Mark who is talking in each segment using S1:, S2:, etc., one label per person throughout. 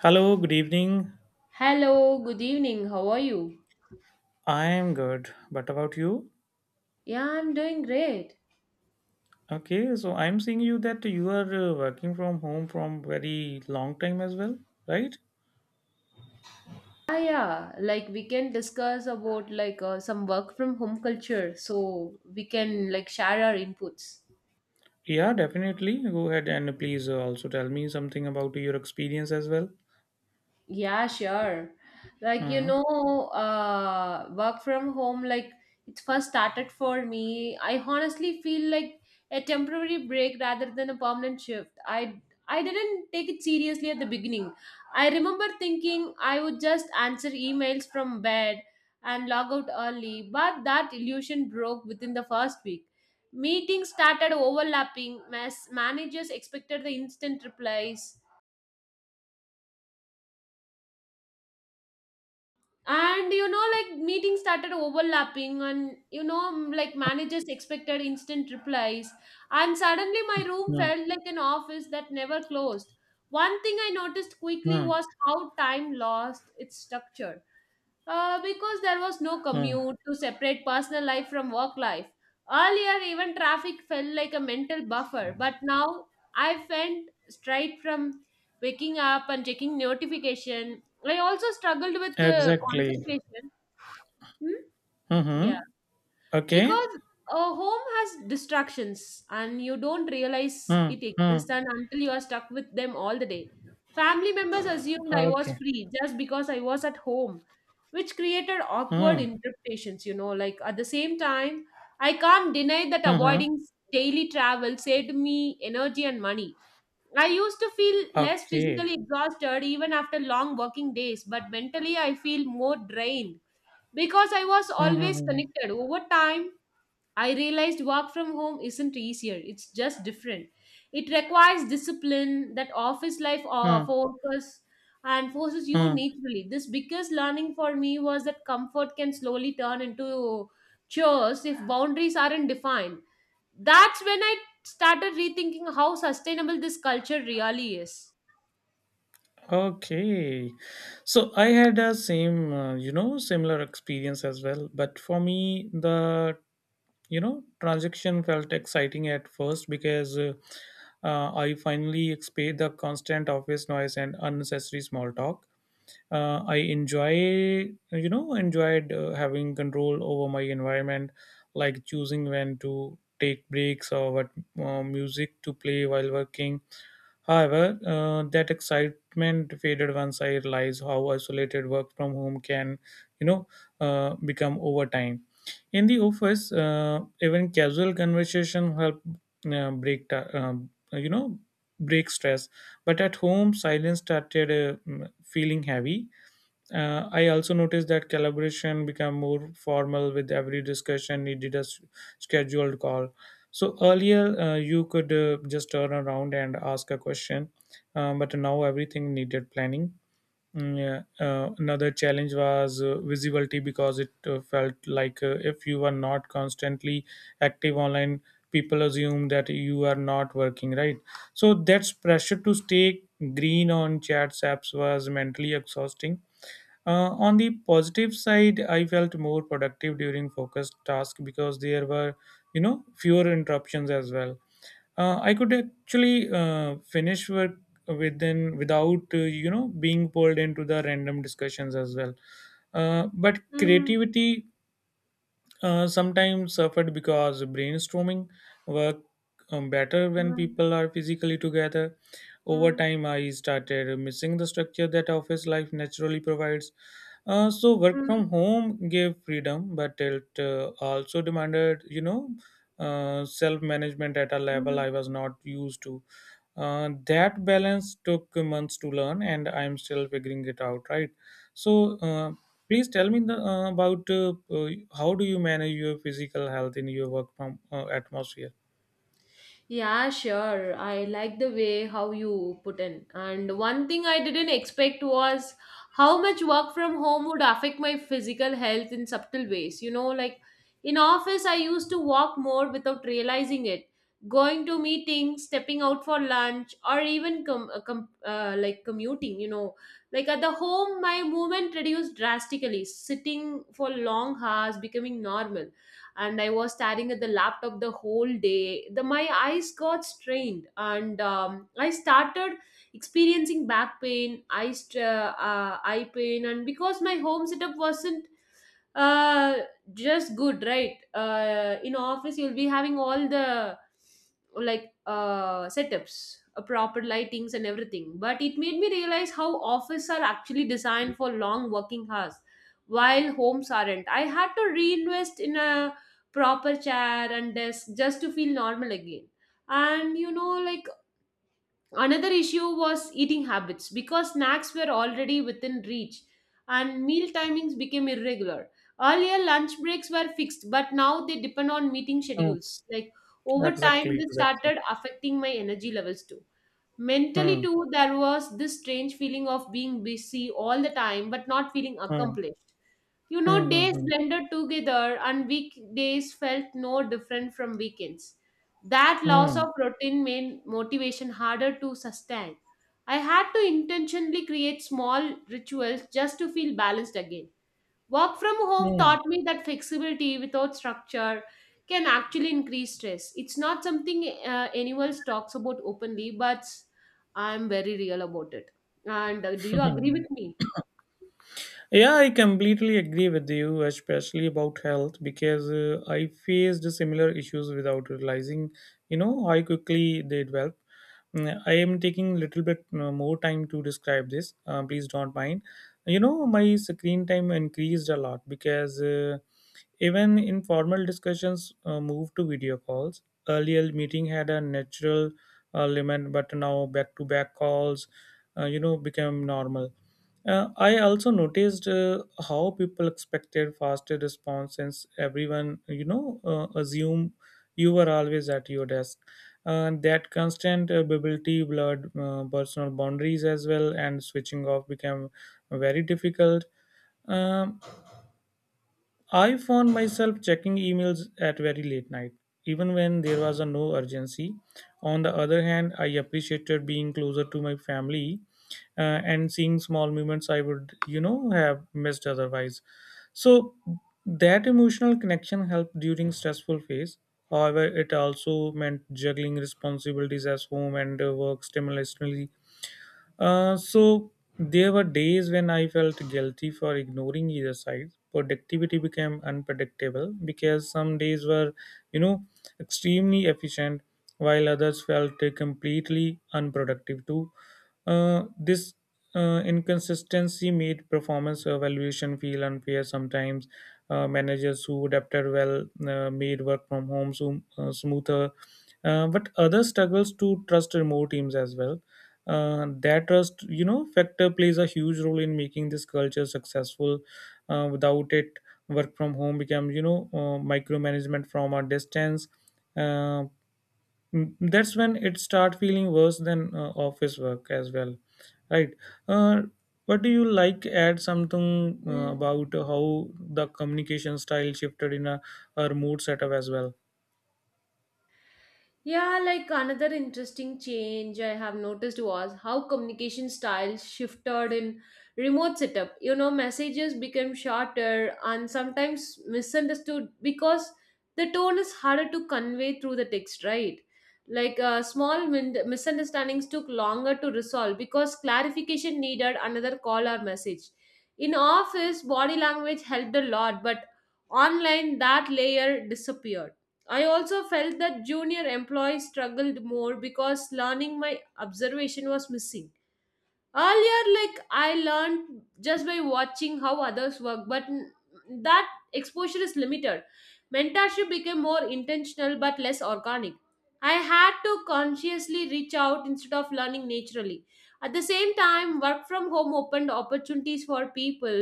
S1: Hello, good evening.
S2: Hello, good evening. How are you?
S1: I am good. But about you?
S2: Yeah, I'm doing great.
S1: Okay, so I'm seeing you that you are working from home from very long time as well, right?
S2: Yeah, like we can discuss about like some work from home culture so we can like share our inputs.
S1: Yeah, definitely. Go ahead and please also tell me something about your experience as well.
S2: Yeah, sure. Like,
S1: Hmm.
S2: work from home, like, it first started for me. I honestly feel like a temporary break rather than a permanent shift. I didn't take it seriously at the beginning. I remember thinking I would just answer emails from bed and log out early, but that illusion broke within the first week. Meetings started overlapping, as managers expected the instant replies, and like meetings started overlapping and like managers expected instant replies, and suddenly my room
S1: Hmm.
S2: felt like an office that never closed. One thing I noticed quickly
S1: Hmm.
S2: was how time lost its structure, because there was no
S1: Hmm.
S2: commute to separate personal life from work life. Earlier, even traffic felt like a mental buffer, but now I went straight from waking up and checking notification. I also struggled with
S1: Exactly.
S2: concentration. Hmm? Yeah,
S1: Mm-hmm. Okay.
S2: because a home has distractions and you don't realize
S1: Hmm.
S2: it
S1: Hmm.
S2: exists, and until you are stuck with them all the day, family members assumed I was
S1: Okay.
S2: free just because I was at home, which created awkward
S1: Hmm.
S2: interpretations, like at the same time I can't deny that
S1: Mm-hmm.
S2: avoiding daily travel saved me energy and money. I used to feel less
S1: Okay.
S2: physically exhausted even after long working days, but mentally I feel more drained because I was
S1: Hmm. Hmm.
S2: always
S1: Hmm.
S2: connected over time. I realized work from home isn't easier, it's just different. It requires discipline that office life
S1: Hmm.
S2: focus and forces you
S1: Hmm, hmm.
S2: naturally. This biggest learning for me was that comfort can slowly turn into chores if boundaries aren't defined. That's when I started rethinking how sustainable this culture really is.
S1: Okay. So I had a same, similar experience as well. But for me, transaction felt exciting at first because I finally escaped the constant office noise and unnecessary small talk. I enjoyed having control over my environment, like choosing when to take breaks or what music to play while working. However, that excitement faded once I realized how isolated work from home can, you know, become over time. In the office, even casual conversation help break, ta- you know, break stress. But at home, silence started feeling heavy. I also noticed that collaboration became more formal with every discussion needed a scheduled call. So earlier, you could just turn around and ask a question, but now everything needed planning. Yeah. Another challenge was visibility because it felt like if you are not constantly active online, people assume that you are not working, right? So that's pressure to stay green on chats apps was mentally exhausting. On the positive side, I felt more productive during focused tasks because there were, fewer interruptions as well. I could actually finish work within without, being pulled into the random discussions as well. But
S2: Mm,
S1: creativity sometimes suffered because brainstorming work better when
S2: mm,
S1: people are physically together. Over
S2: mm,
S1: time, I started missing the structure that office life naturally provides. So work
S2: mm,
S1: from home gave freedom, but it also demanded, self management at a level
S2: mm.
S1: I was not used to. That balance took months to learn and I'm still figuring it out, right? So please tell me the, about how do you manage your physical health in your work from, atmosphere?
S2: Yeah, sure. I like the way how you put in. And one thing I didn't expect was how much work from home would affect my physical health in subtle ways. You know, like in office I used to walk more without realizing it. Going to meetings, stepping out for lunch, or even like commuting, you know. Like at the home, my movement reduced drastically, sitting for long hours becoming normal, and I was staring at the laptop the whole day. The my eyes got strained, and I started experiencing back pain, eye, eye pain, and because my home setup wasn't uh just good, right? In office you'll be having all the like setups, proper lightings and everything, but it made me realize how office are actually designed for long working hours while homes aren't. I had to reinvest in a proper chair and desk just to feel normal again. And like another issue was eating habits because snacks were already within reach and meal timings became irregular. Earlier, lunch breaks were fixed, but now they depend on meeting
S1: Hmm.
S2: schedules. Like over time,
S1: Exactly,
S2: this
S1: exactly.
S2: started affecting my energy levels too. Mentally,
S1: Hmm.
S2: too, there was this strange feeling of being busy all the time but not feeling
S1: Hmm.
S2: accomplished. You know,
S1: Hmm.
S2: days
S1: Hmm.
S2: blended together and weekdays felt no different from weekends. That loss of
S1: Hmm.
S2: routine made motivation harder to sustain. I had to intentionally create small rituals just to feel balanced again. Work from home
S1: Hmm.
S2: taught me that flexibility without structure can actually increase stress. It's not something anyone talks about openly, but I'm very real about it. And do you agree
S1: Hmm.
S2: with me?
S1: Yeah, I completely agree with you, especially about health, because I faced similar issues without realizing, how quickly they develop. I am taking a little bit more time to describe this. Please don't mind. You know, my screen time increased a lot because even informal discussions moved to video calls. Earlier, meeting had a natural limit, but now back-to-back calls, became normal. I also noticed how people expected faster response since everyone, assume you were always at your desk. And that constant ability blurred personal boundaries as well, and switching off became very difficult. Um, I found myself checking emails at very late night, even when there was a no urgency. On the other hand, I appreciated being closer to my family and seeing small moments I would, have missed otherwise. So that emotional connection helped during stressful phase. However, it also meant juggling responsibilities as home and work simultaneously, so there were days when I felt guilty for ignoring either side. Productivity became unpredictable because some days were, you know, extremely efficient, while others felt completely unproductive too. This inconsistency made performance evaluation feel unfair sometimes. Managers who adapted well made work from home so, smoother, but others struggles to trust remote teams as well. That trust, you know, factor plays a huge role in making this culture successful. Without it, work from home becomes, you know, micromanagement from a distance. uh, that's when it start feeling worse than office work as well, right? uh, what do you like add something
S2: Hmm.
S1: about how the communication style shifted in a remote setup as well?
S2: Yeah, like another interesting change I have noticed was how communication styles shifted in remote setup. You know, messages became shorter and sometimes misunderstood because the tone is harder to convey through the text, right? Like small misunderstandings took longer to resolve because clarification needed another call or message. In office, body language helped a lot, but online, that layer disappeared. I also felt that junior employees struggled more because learning my observation was missing. Earlier like I learned just by watching how others work, but that exposure is limited. Mentorship became more intentional but less organic. I had to consciously reach out instead of learning naturally. At the same time, work from home opened opportunities for people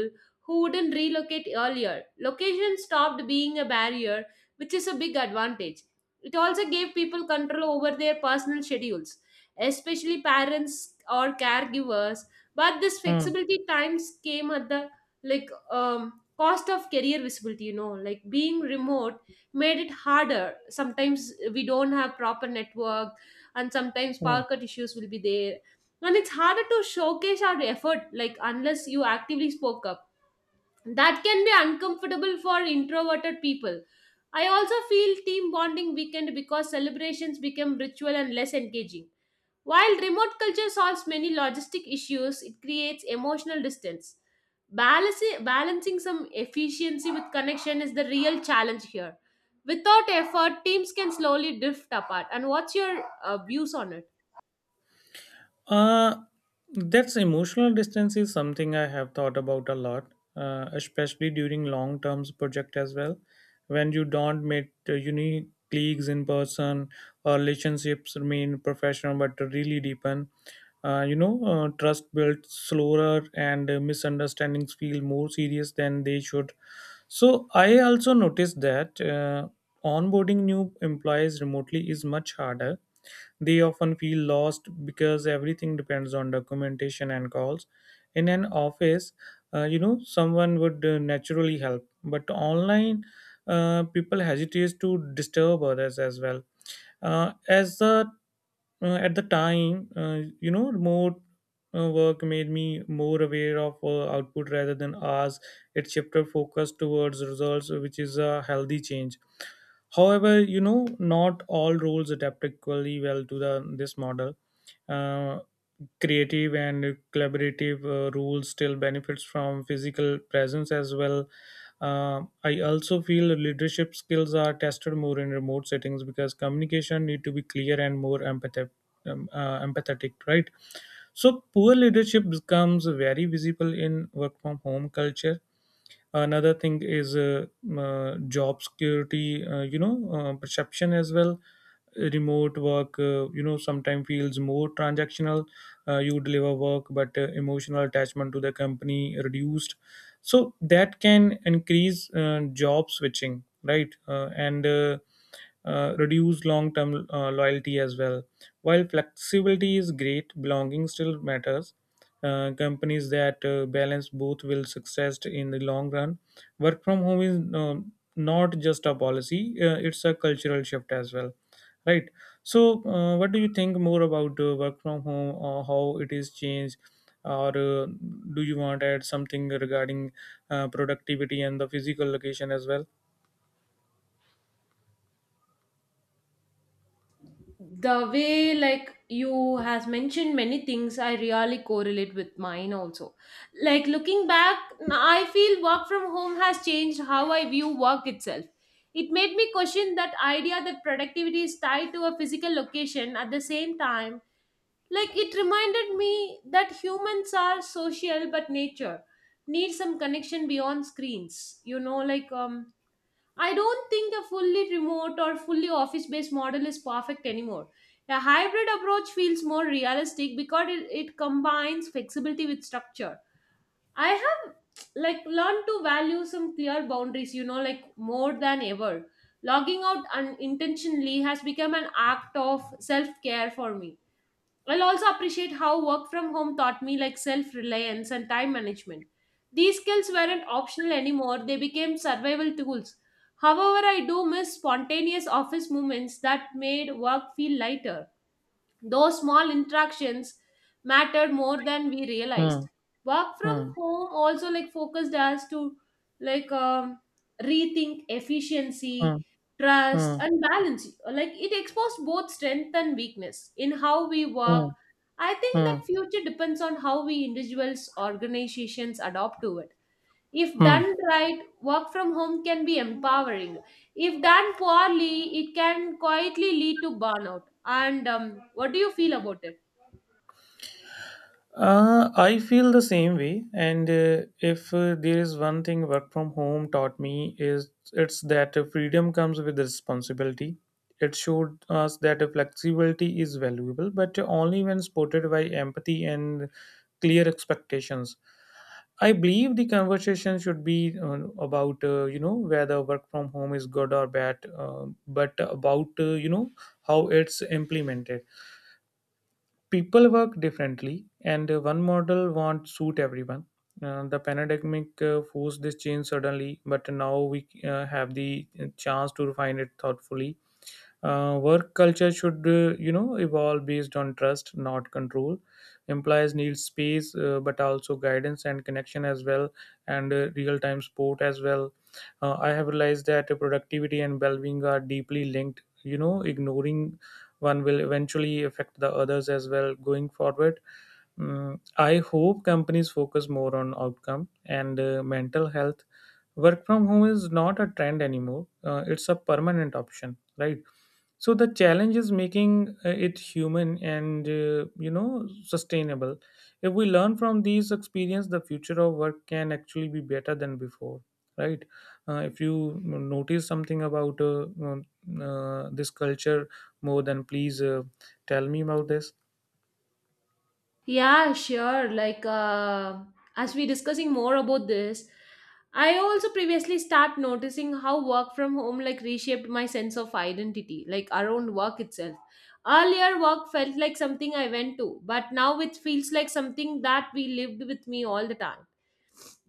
S2: who wouldn't relocate. Earlier, location stopped being a barrier, which is a big advantage. It also gave people control over their personal schedules, especially parents or caregivers, but this
S1: hmm.
S2: flexibility times came at the like cost of career visibility. You know, like being remote made it harder. Sometimes we don't have proper network, and sometimes
S1: Hmm.
S2: power cut issues will be there, and it's harder to showcase our effort, like unless you actively spoke up. That can be uncomfortable for introverted people. I also feel team bonding weakened because celebrations became ritual and less engaging. While remote culture solves many logistic issues, it creates emotional distance. Balancing some efficiency with connection is the real challenge here. Without effort, teams can slowly drift apart. And what's your views on it?
S1: Uh, that's emotional distance is something I have thought about a lot, especially during long terms project as well. When you don't meet unique colleagues in person, or relationships remain professional but really deepen. Trust builds slower and misunderstandings feel more serious than they should. So, I also noticed that onboarding new employees remotely is much harder. They often feel lost because everything depends on documentation and calls. In an office, someone would naturally help, but online, people hesitate to disturb others as well. As the At the time remote work made me more aware of output rather than hours. It shifted focus towards results, which is a healthy change. However, you know, not all roles adapt equally well to the this model. uh, Creative and collaborative roles still benefits from physical presence as well. uh, I also feel leadership skills are tested more in remote settings because communication need to be clear and more empathetic, empathetic, right? So poor leadership becomes very visible in work from home culture. Another thing is job security, perception as well. Remote work, sometimes feels more transactional. You deliver work but emotional attachment to the company reduced. So that can increase job switching, right? And Reduce long term loyalty as well. While flexibility is great, belonging still matters. Companies that balance both will success in the long run. Work from home is not just a policy; it's a cultural shift as well, right? So, what do you think more about work from home or how it is changed, or do you want to add something regarding productivity and the physical location as well?
S2: The way like you has mentioned many things, I really correlate with mine also. Like looking back, I feel work from home has changed how I view work itself. It made me question that idea that productivity is tied to a physical location. At the same time, like it reminded me that humans are social but nature, needs some connection beyond screens. You know, like I don't think a fully remote or fully office based model is perfect anymore. A hybrid approach feels more realistic because it combines flexibility with structure. I have like learned to value some clear boundaries, you know, like more than ever. Logging out unintentionally has become an act of self care for me. I'll also appreciate how work from home taught me like self reliance and time management. These skills weren't optional anymore, they became survival tools. However, I do miss spontaneous office movements that made work feel lighter. Those small interactions mattered more than we
S1: Hmm.
S2: realized. Work from
S1: Hmm.
S2: home also like focused us to like rethink
S1: Hmm.
S2: efficiency, trust,
S1: Hmm.
S2: and balance. Like it exposed both strength and weakness in how we work.
S1: Hmm.
S2: I think that
S1: Hmm.
S2: future depends on how we individuals, organizations adopt to it. If
S1: Hmm.
S2: done right, work from home can be empowering. If done poorly, it can quietly lead to burnout. And what do you feel about it?
S1: I feel the same way, and if there is one thing work from home taught me is it's that freedom comes with responsibility. It showed us that flexibility is valuable, but only when supported by empathy and clear expectations. I believe the conversation should be about, whether work from home is good or bad, but about, how it's implemented. People work differently and one model won't suit everyone. The pandemic forced this change suddenly but now we have the chance to refine it thoughtfully. Work culture should, evolve based on trust, not control. Employees need space, but also guidance and connection as well, and real-time support as well. I have realized that productivity and well-being are deeply linked. You know, ignoring one will eventually affect the others as well going forward. I hope companies focus more on outcome and mental health. Work from home is not a trend anymore. It's a permanent option, right? So the challenge is making it human and sustainable. If we learn from these experience, the future of work can actually be better than before, right? If you notice something about um, this culture more, then please tell me about this.
S2: Yeah, sure. Like as we discussing more about this, I also previously start noticing how work from home like reshaped my sense of identity, like around work itself. Earlier, work felt like something I went to, but now it feels like something that we lived with me all the time.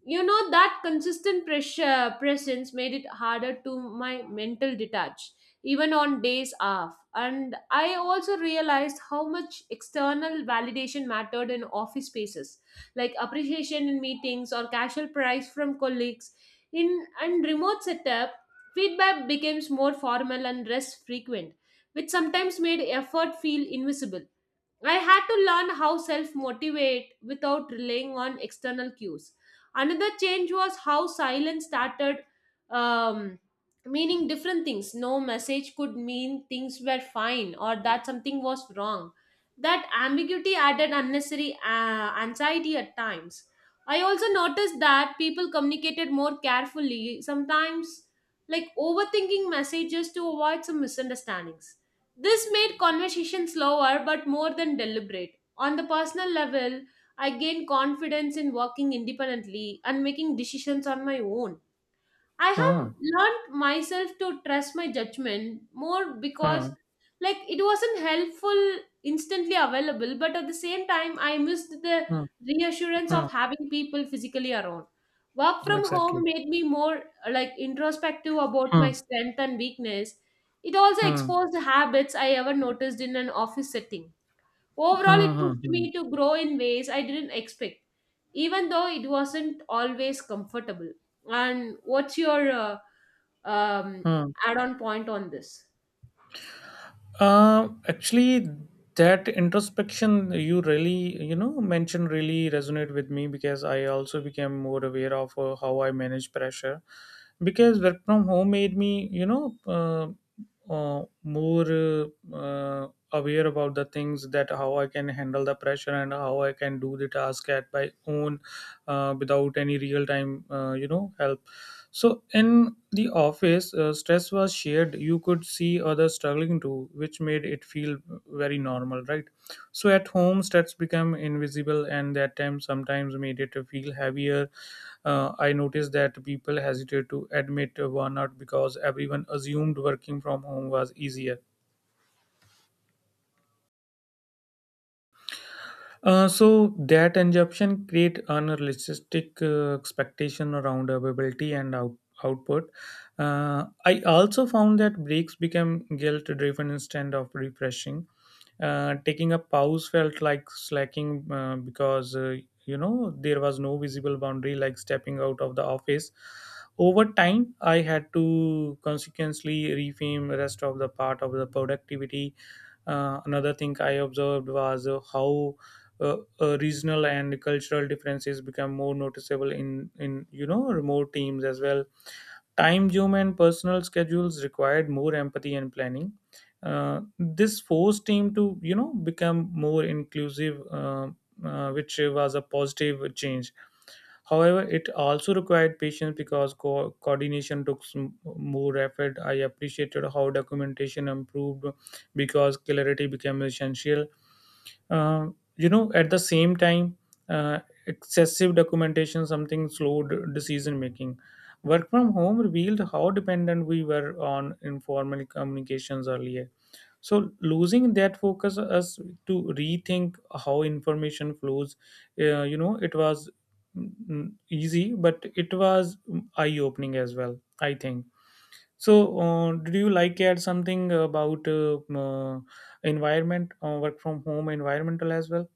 S2: You know, that consistent pressure presence made it harder to my mental detach even on days off. And I also realized how much external validation mattered in office spaces, like appreciation in meetings or casual praise from colleagues. In and remote setup, feedback becomes more formal and less frequent, which sometimes made effort feel invisible. I had to learn how self motivate without relying on external cues. Another change was how silence started um, meaning different things. No message could mean things were fine or that something was wrong. That ambiguity added unnecessary anxiety at times. I also noticed that people communicated more carefully, sometimes like overthinking messages to avoid some misunderstandings. This made conversation slower but more than deliberate. On the personal level, I gained confidence in working independently and making decisions on my own. I
S1: huh
S2: have learned myself to trust my judgment more
S1: huh
S2: because, like, it wasn't helpful instantly available, but at the same time, I missed the
S1: huh
S2: reassurance
S1: huh
S2: of having people physically around. Work from home
S1: exactly.
S2: made me more like introspective about my
S1: Hmm.
S2: strength and weakness. It also
S1: Hmm.
S2: exposed habits I ever noticed in an office setting. Overall, it
S1: Hmm. Hmm.
S2: pushed
S1: Hmm.
S2: me to grow in ways I didn't expect, even though it wasn't always comfortable. And what's your um, add on point on this?
S1: Actually, that introspection you really, mentioned really resonate with me because I also became more aware of how I manage pressure. Because work from home made me, more aware about the things that how I can handle the pressure and how I can do the task at my own without any real time, help. So in the office, stress was shared. You could see others struggling too, which made it feel very normal, right? So at home, stress became invisible, and that time sometimes made it feel heavier. I noticed that people hesitate to admit burnout because everyone assumed working from home was easier. So that assumption create unrealistic expectation around availability and output. I also found that breaks become guilt driven instead of refreshing. Taking a pause felt like slacking because, there was no visible boundary like stepping out of the office. Over time, I had to consequently reframe the rest of the part of the productivity. Another thing I observed was how regional and cultural differences become more noticeable in, remote teams as well. Time zoom and personal schedules required more empathy and planning. This forced team to, become more inclusive, which was a positive change. However, it also required patience because coordination took some more effort. I appreciated how documentation improved because clarity became essential. uh, you know, at the same time, uh, excessive documentation something slowed decision making. Work from home revealed how dependent we were on informal communications earlier, so losing that focus us to rethink how information flows. You know, it was easy, but it was eye opening as well, I think. So did you like add something about environment, work from home environmental as well?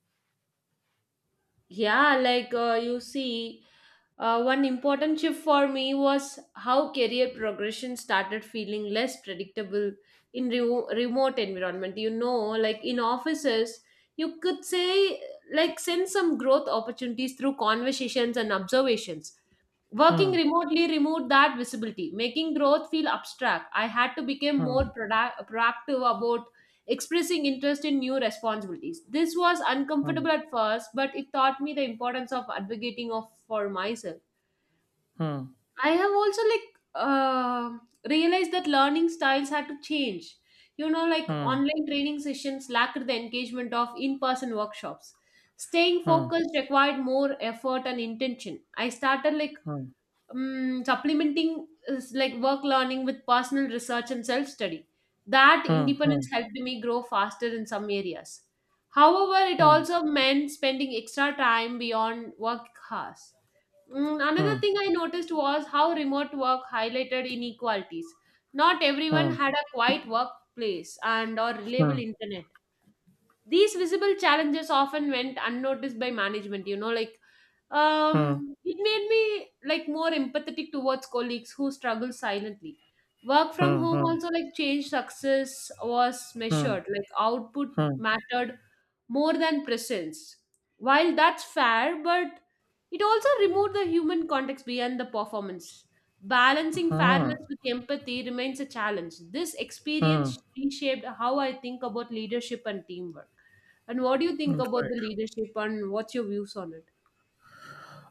S2: Yeah, like you see, one important shift for me was how career progression started feeling less predictable in remote environment. You know, like in offices you could say like send some growth opportunities through conversations and observations. Working
S1: Hmm.
S2: remotely removed that visibility, making growth feel abstract. I had to become more
S1: Hmm.
S2: proactive about expressing interest in new responsibilities. This was
S1: Hmm.
S2: uncomfortable at first, but it taught me the importance of advocating for myself.
S1: Hmm.
S2: I have also like uh, realized that learning styles had to change. You know, like
S1: Hmm.
S2: online training sessions lacked the engagement of in-person workshops. Staying
S1: Hmm.
S2: focused required more effort and intention. I started like
S1: Hmm.
S2: supplementing is like work learning with personal research and self study. That
S1: Hmm.
S2: independence helped me grow faster in some areas. However, it
S1: Hmm.
S2: also meant spending extra time beyond work hours.
S1: Hmm.
S2: Another thing I noticed was how remote work highlighted inequalities. Not everyone
S1: Hmm.
S2: had a quiet workplace and or reliable
S1: Hmm.
S2: internet, these visible challenges often went unnoticed by management,
S1: Hmm.
S2: it made me like more empathetic towards colleagues who struggle silently. Work from
S1: Hmm. Hmm.
S2: home
S1: Hmm.
S2: also like changed success was
S1: Hmm.
S2: measured, like output
S1: Hmm.
S2: mattered more than presence. While that's fair, but it also removed the human context beyond the performance. Balancing
S1: Hmm.
S2: fairness with empathy remains a challenge. This
S1: Hmm.
S2: experience reshaped how I think about leadership and teamwork. And what do you think
S1: Hmm.
S2: about the
S1: Right.
S2: leadership and what's your views on it?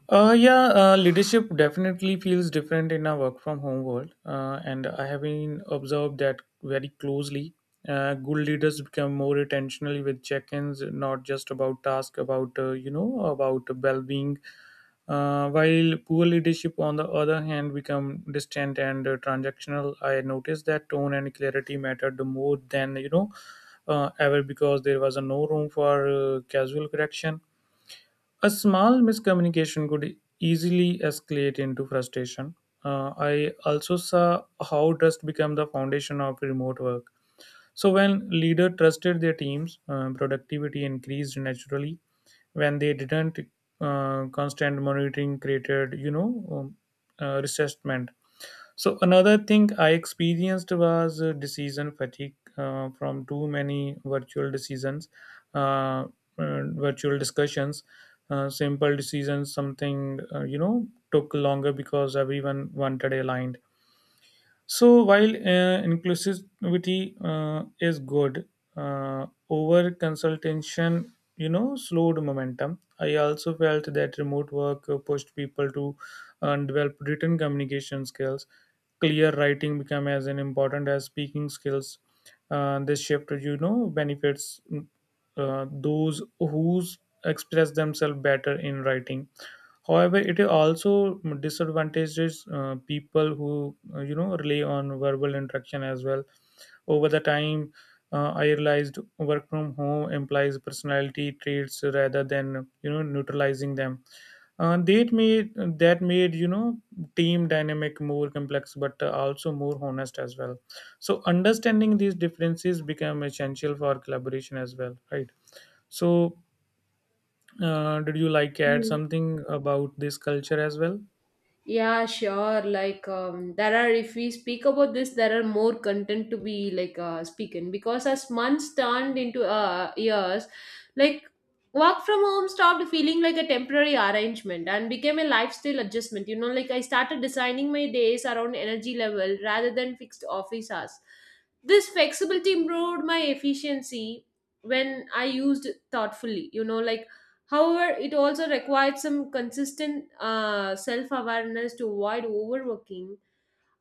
S1: Yeah, leadership definitely feels different in a work from home world, and I have been observed that very closely. Good leaders become more intentional with check-ins, not just about task, about about well-being. While poor leadership, on the other hand, become distant and transactional. I noticed that tone and clarity mattered more than, you know, ever, because there was no room for casual correction. A small miscommunication could easily escalate into frustration. I also saw how trust became the foundation of remote work. So, when leader trusted their teams, productivity increased naturally. When they didn't, constant monitoring created, you know, um, resentment. So another thing I experienced was decision fatigue from too many uh, virtual discussions. Simple decisions, something, took longer because everyone wanted aligned. So while inclusivity is good, over consultation, you know, slowed momentum. I also felt that remote work pushed people to develop written communication skills. Clear writing became as an important as speaking skills. This shift, you know, benefits those who express themselves better in writing. However, it also disadvantages people who, you know, rely on verbal interaction as well. Over the time, I realized work from home implies personality traits rather than, you know, neutralizing them. Uh, that made that made, you know, team dynamic more complex, but also more honest as well. So understanding these differences become essential for collaboration as well, right? So, did you like add
S2: Mm.
S1: something about this culture as well?
S2: Yeah, sure. Like, there are, if we speak about this, there are more content to be like speaking because as months turned into years, like work from home stopped feeling like a temporary arrangement and became a lifestyle adjustment. You know, like I started designing my days around energy level rather than fixed office hours. This flexibility improved my efficiency when I used thoughtfully. You know, like however, it also required some consistent self awareness to avoid overworking.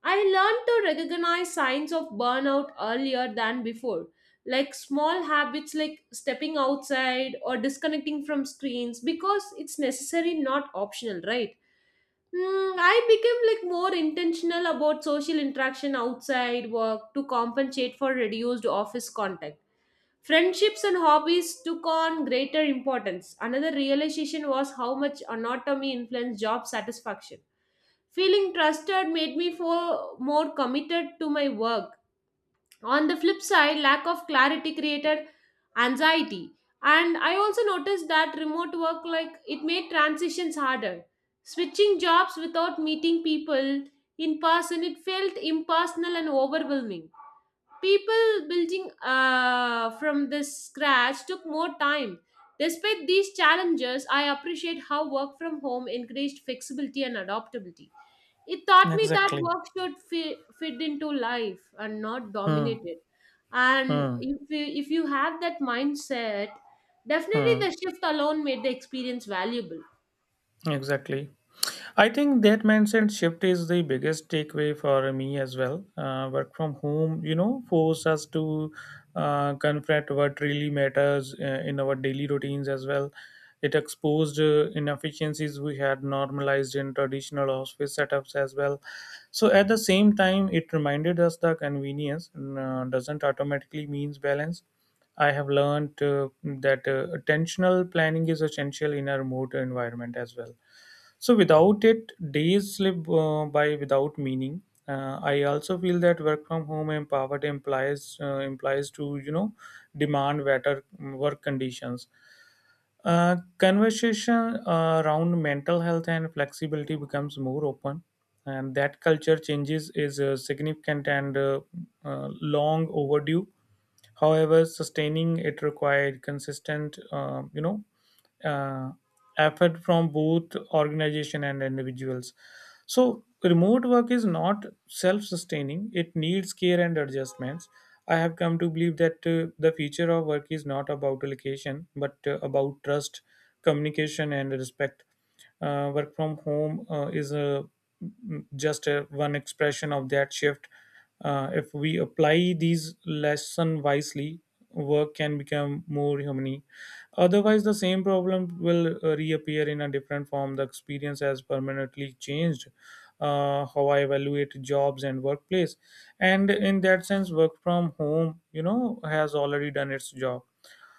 S2: I learned to recognize signs of burnout earlier than before, like small habits like stepping outside or disconnecting from screens because it's necessary, not optional, right? Hmm, I became like more intentional about social interaction outside work to compensate for reduced office contact. Friendships and hobbies took on greater importance. Another realization was how much anatomy influenced job satisfaction. Feeling trusted made me feel more committed to my work. On the flip side, lack of clarity created anxiety. And I also noticed that remote work like it made transitions harder. Switching jobs without meeting people in person, it felt impersonal and overwhelming, people building from this scratch took more time. Despite these challenges, I appreciate how work from home increased flexibility and adaptability. It taught me that
S1: Exactly.
S2: work should fit into life and not
S1: Hmm.
S2: dominate it. And
S1: Hmm.
S2: if you have that mindset, definitely
S1: Hmm.
S2: the shift alone made the experience valuable.
S1: Exactly. I think that mindset shift is the biggest takeaway for me as well. Work from home, you know, force us to confront what really matters in our daily routines as well. It exposed inefficiencies we had normalized in traditional office setups as well. So at the same time, it reminded us that convenience doesn't automatically means balance. I have learned that attentional planning is essential in a remote environment as well, so without it, days slip by without meaning. I also feel that work from home empowered implies implies to, you know, demand better work conditions. Conversation around mental health and flexibility becomes more open, and that culture changes is significant and uh, long overdue. However, sustaining it required consistent, uh, effort from both organization and individuals. So remote work is not self-sustaining. It needs care and adjustments. I have come to believe that the future of work is not about location, but about trust, communication, and respect. Work from home is a just a, one expression of that shift. If we apply these lesson wisely, work can become more human. Otherwise, the same problem will reappear in a different form. The experience has permanently changed how I evaluate jobs and workplace. And in that sense, work from home, you know, has already done its job.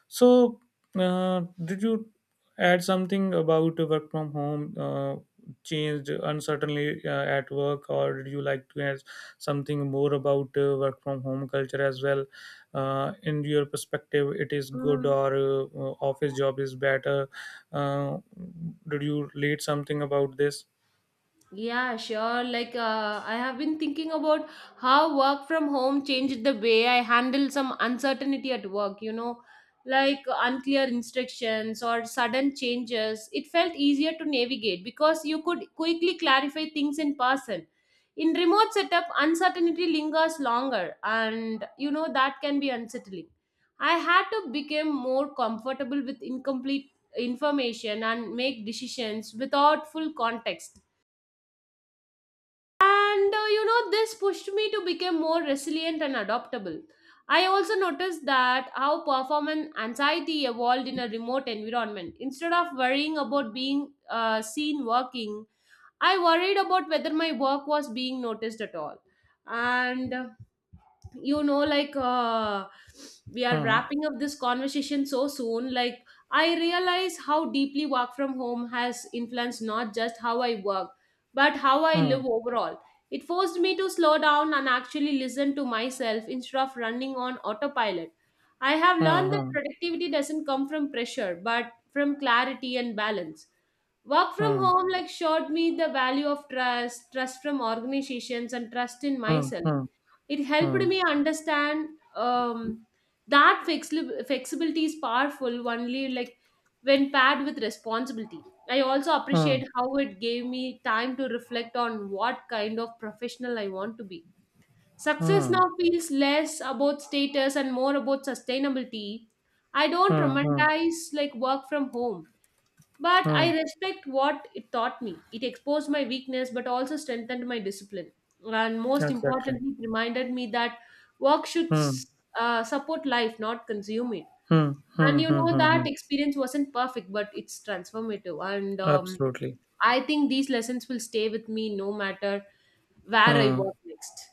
S1: So, did you add something about work from home? Changed uncertainly at work, or did you like to add something more about work from home culture as well? In your perspective, it is good,
S2: Mm.
S1: or office job is better? Uh, did you read something about this?
S2: Yeah, sure. Like, I have been thinking about how work from home changed the way I handle some uncertainty at work, you know, like unclear instructions or sudden changes. It felt easier to navigate because you could quickly clarify things in person. In remote setup, uncertainty lingers longer, and you know, that can be unsettling. I had to become more comfortable with incomplete information and make decisions without full context, and you know this pushed me to become more resilient and adaptable. I also noticed that how performance anxiety evolved in a remote environment. Instead of worrying about being seen working, I worried about whether my work was being noticed at all. And you know like We are
S1: Hmm.
S2: wrapping up this conversation so soon, like I realize how deeply work from home has influenced not just how I work, but how I live
S1: Hmm.
S2: overall. It forced me to slow down and actually listen to myself instead of running on autopilot. I have learned that
S1: Hmm.
S2: productivity doesn't come from pressure, but from clarity and balance. Work from
S1: Hmm.
S2: home like showed me the value of trust, trust from organizations and trust in
S1: Hmm.
S2: myself.
S1: Hmm.
S2: It helped
S1: Hmm.
S2: me understand um, that flexibility is powerful only like when paired with responsibility. I also
S1: Hmm.
S2: appreciate how it gave me time to reflect on what kind of professional I want to be. Success now
S1: Hmm.
S2: feels less about status and more about sustainability. I don't
S1: Hmm. Hmm.
S2: romanticize like work from home, but I
S1: Hmm.
S2: respect what it taught me. It exposed my weakness, but also strengthened my discipline. And most
S1: Exactly.
S2: importantly, it reminded me that work should
S1: Hmm.
S2: support life, not consume it.
S1: Hmm, hmm,
S2: And you
S1: hmm,
S2: know,
S1: hmm,
S2: that
S1: hmm.
S2: experience wasn't perfect, but it's transformative. And
S1: Absolutely.
S2: I think these lessons will stay with me no matter where I work
S1: Hmm.
S2: next.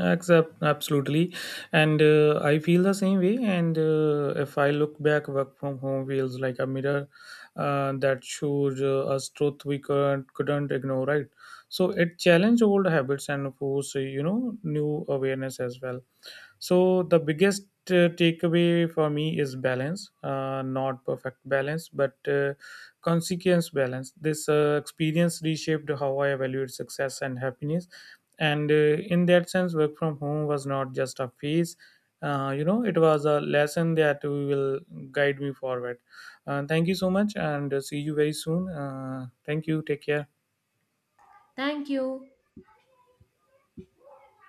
S1: Except absolutely, and I feel the same way. And if I look back, work from home feels like a mirror that shows us truth we couldn't ignore, right. So it challenged old habits and force, you know, new awareness as well. So the biggest takeaway for me is balance, not perfect balance, but consequence balance. This experience reshaped how I evaluate success and happiness, and in that sense, work from home was not just a phase. You know, it was a lesson that will guide me forward. Thank you so much, and see you very soon. Thank you. Take care.
S2: Thank you.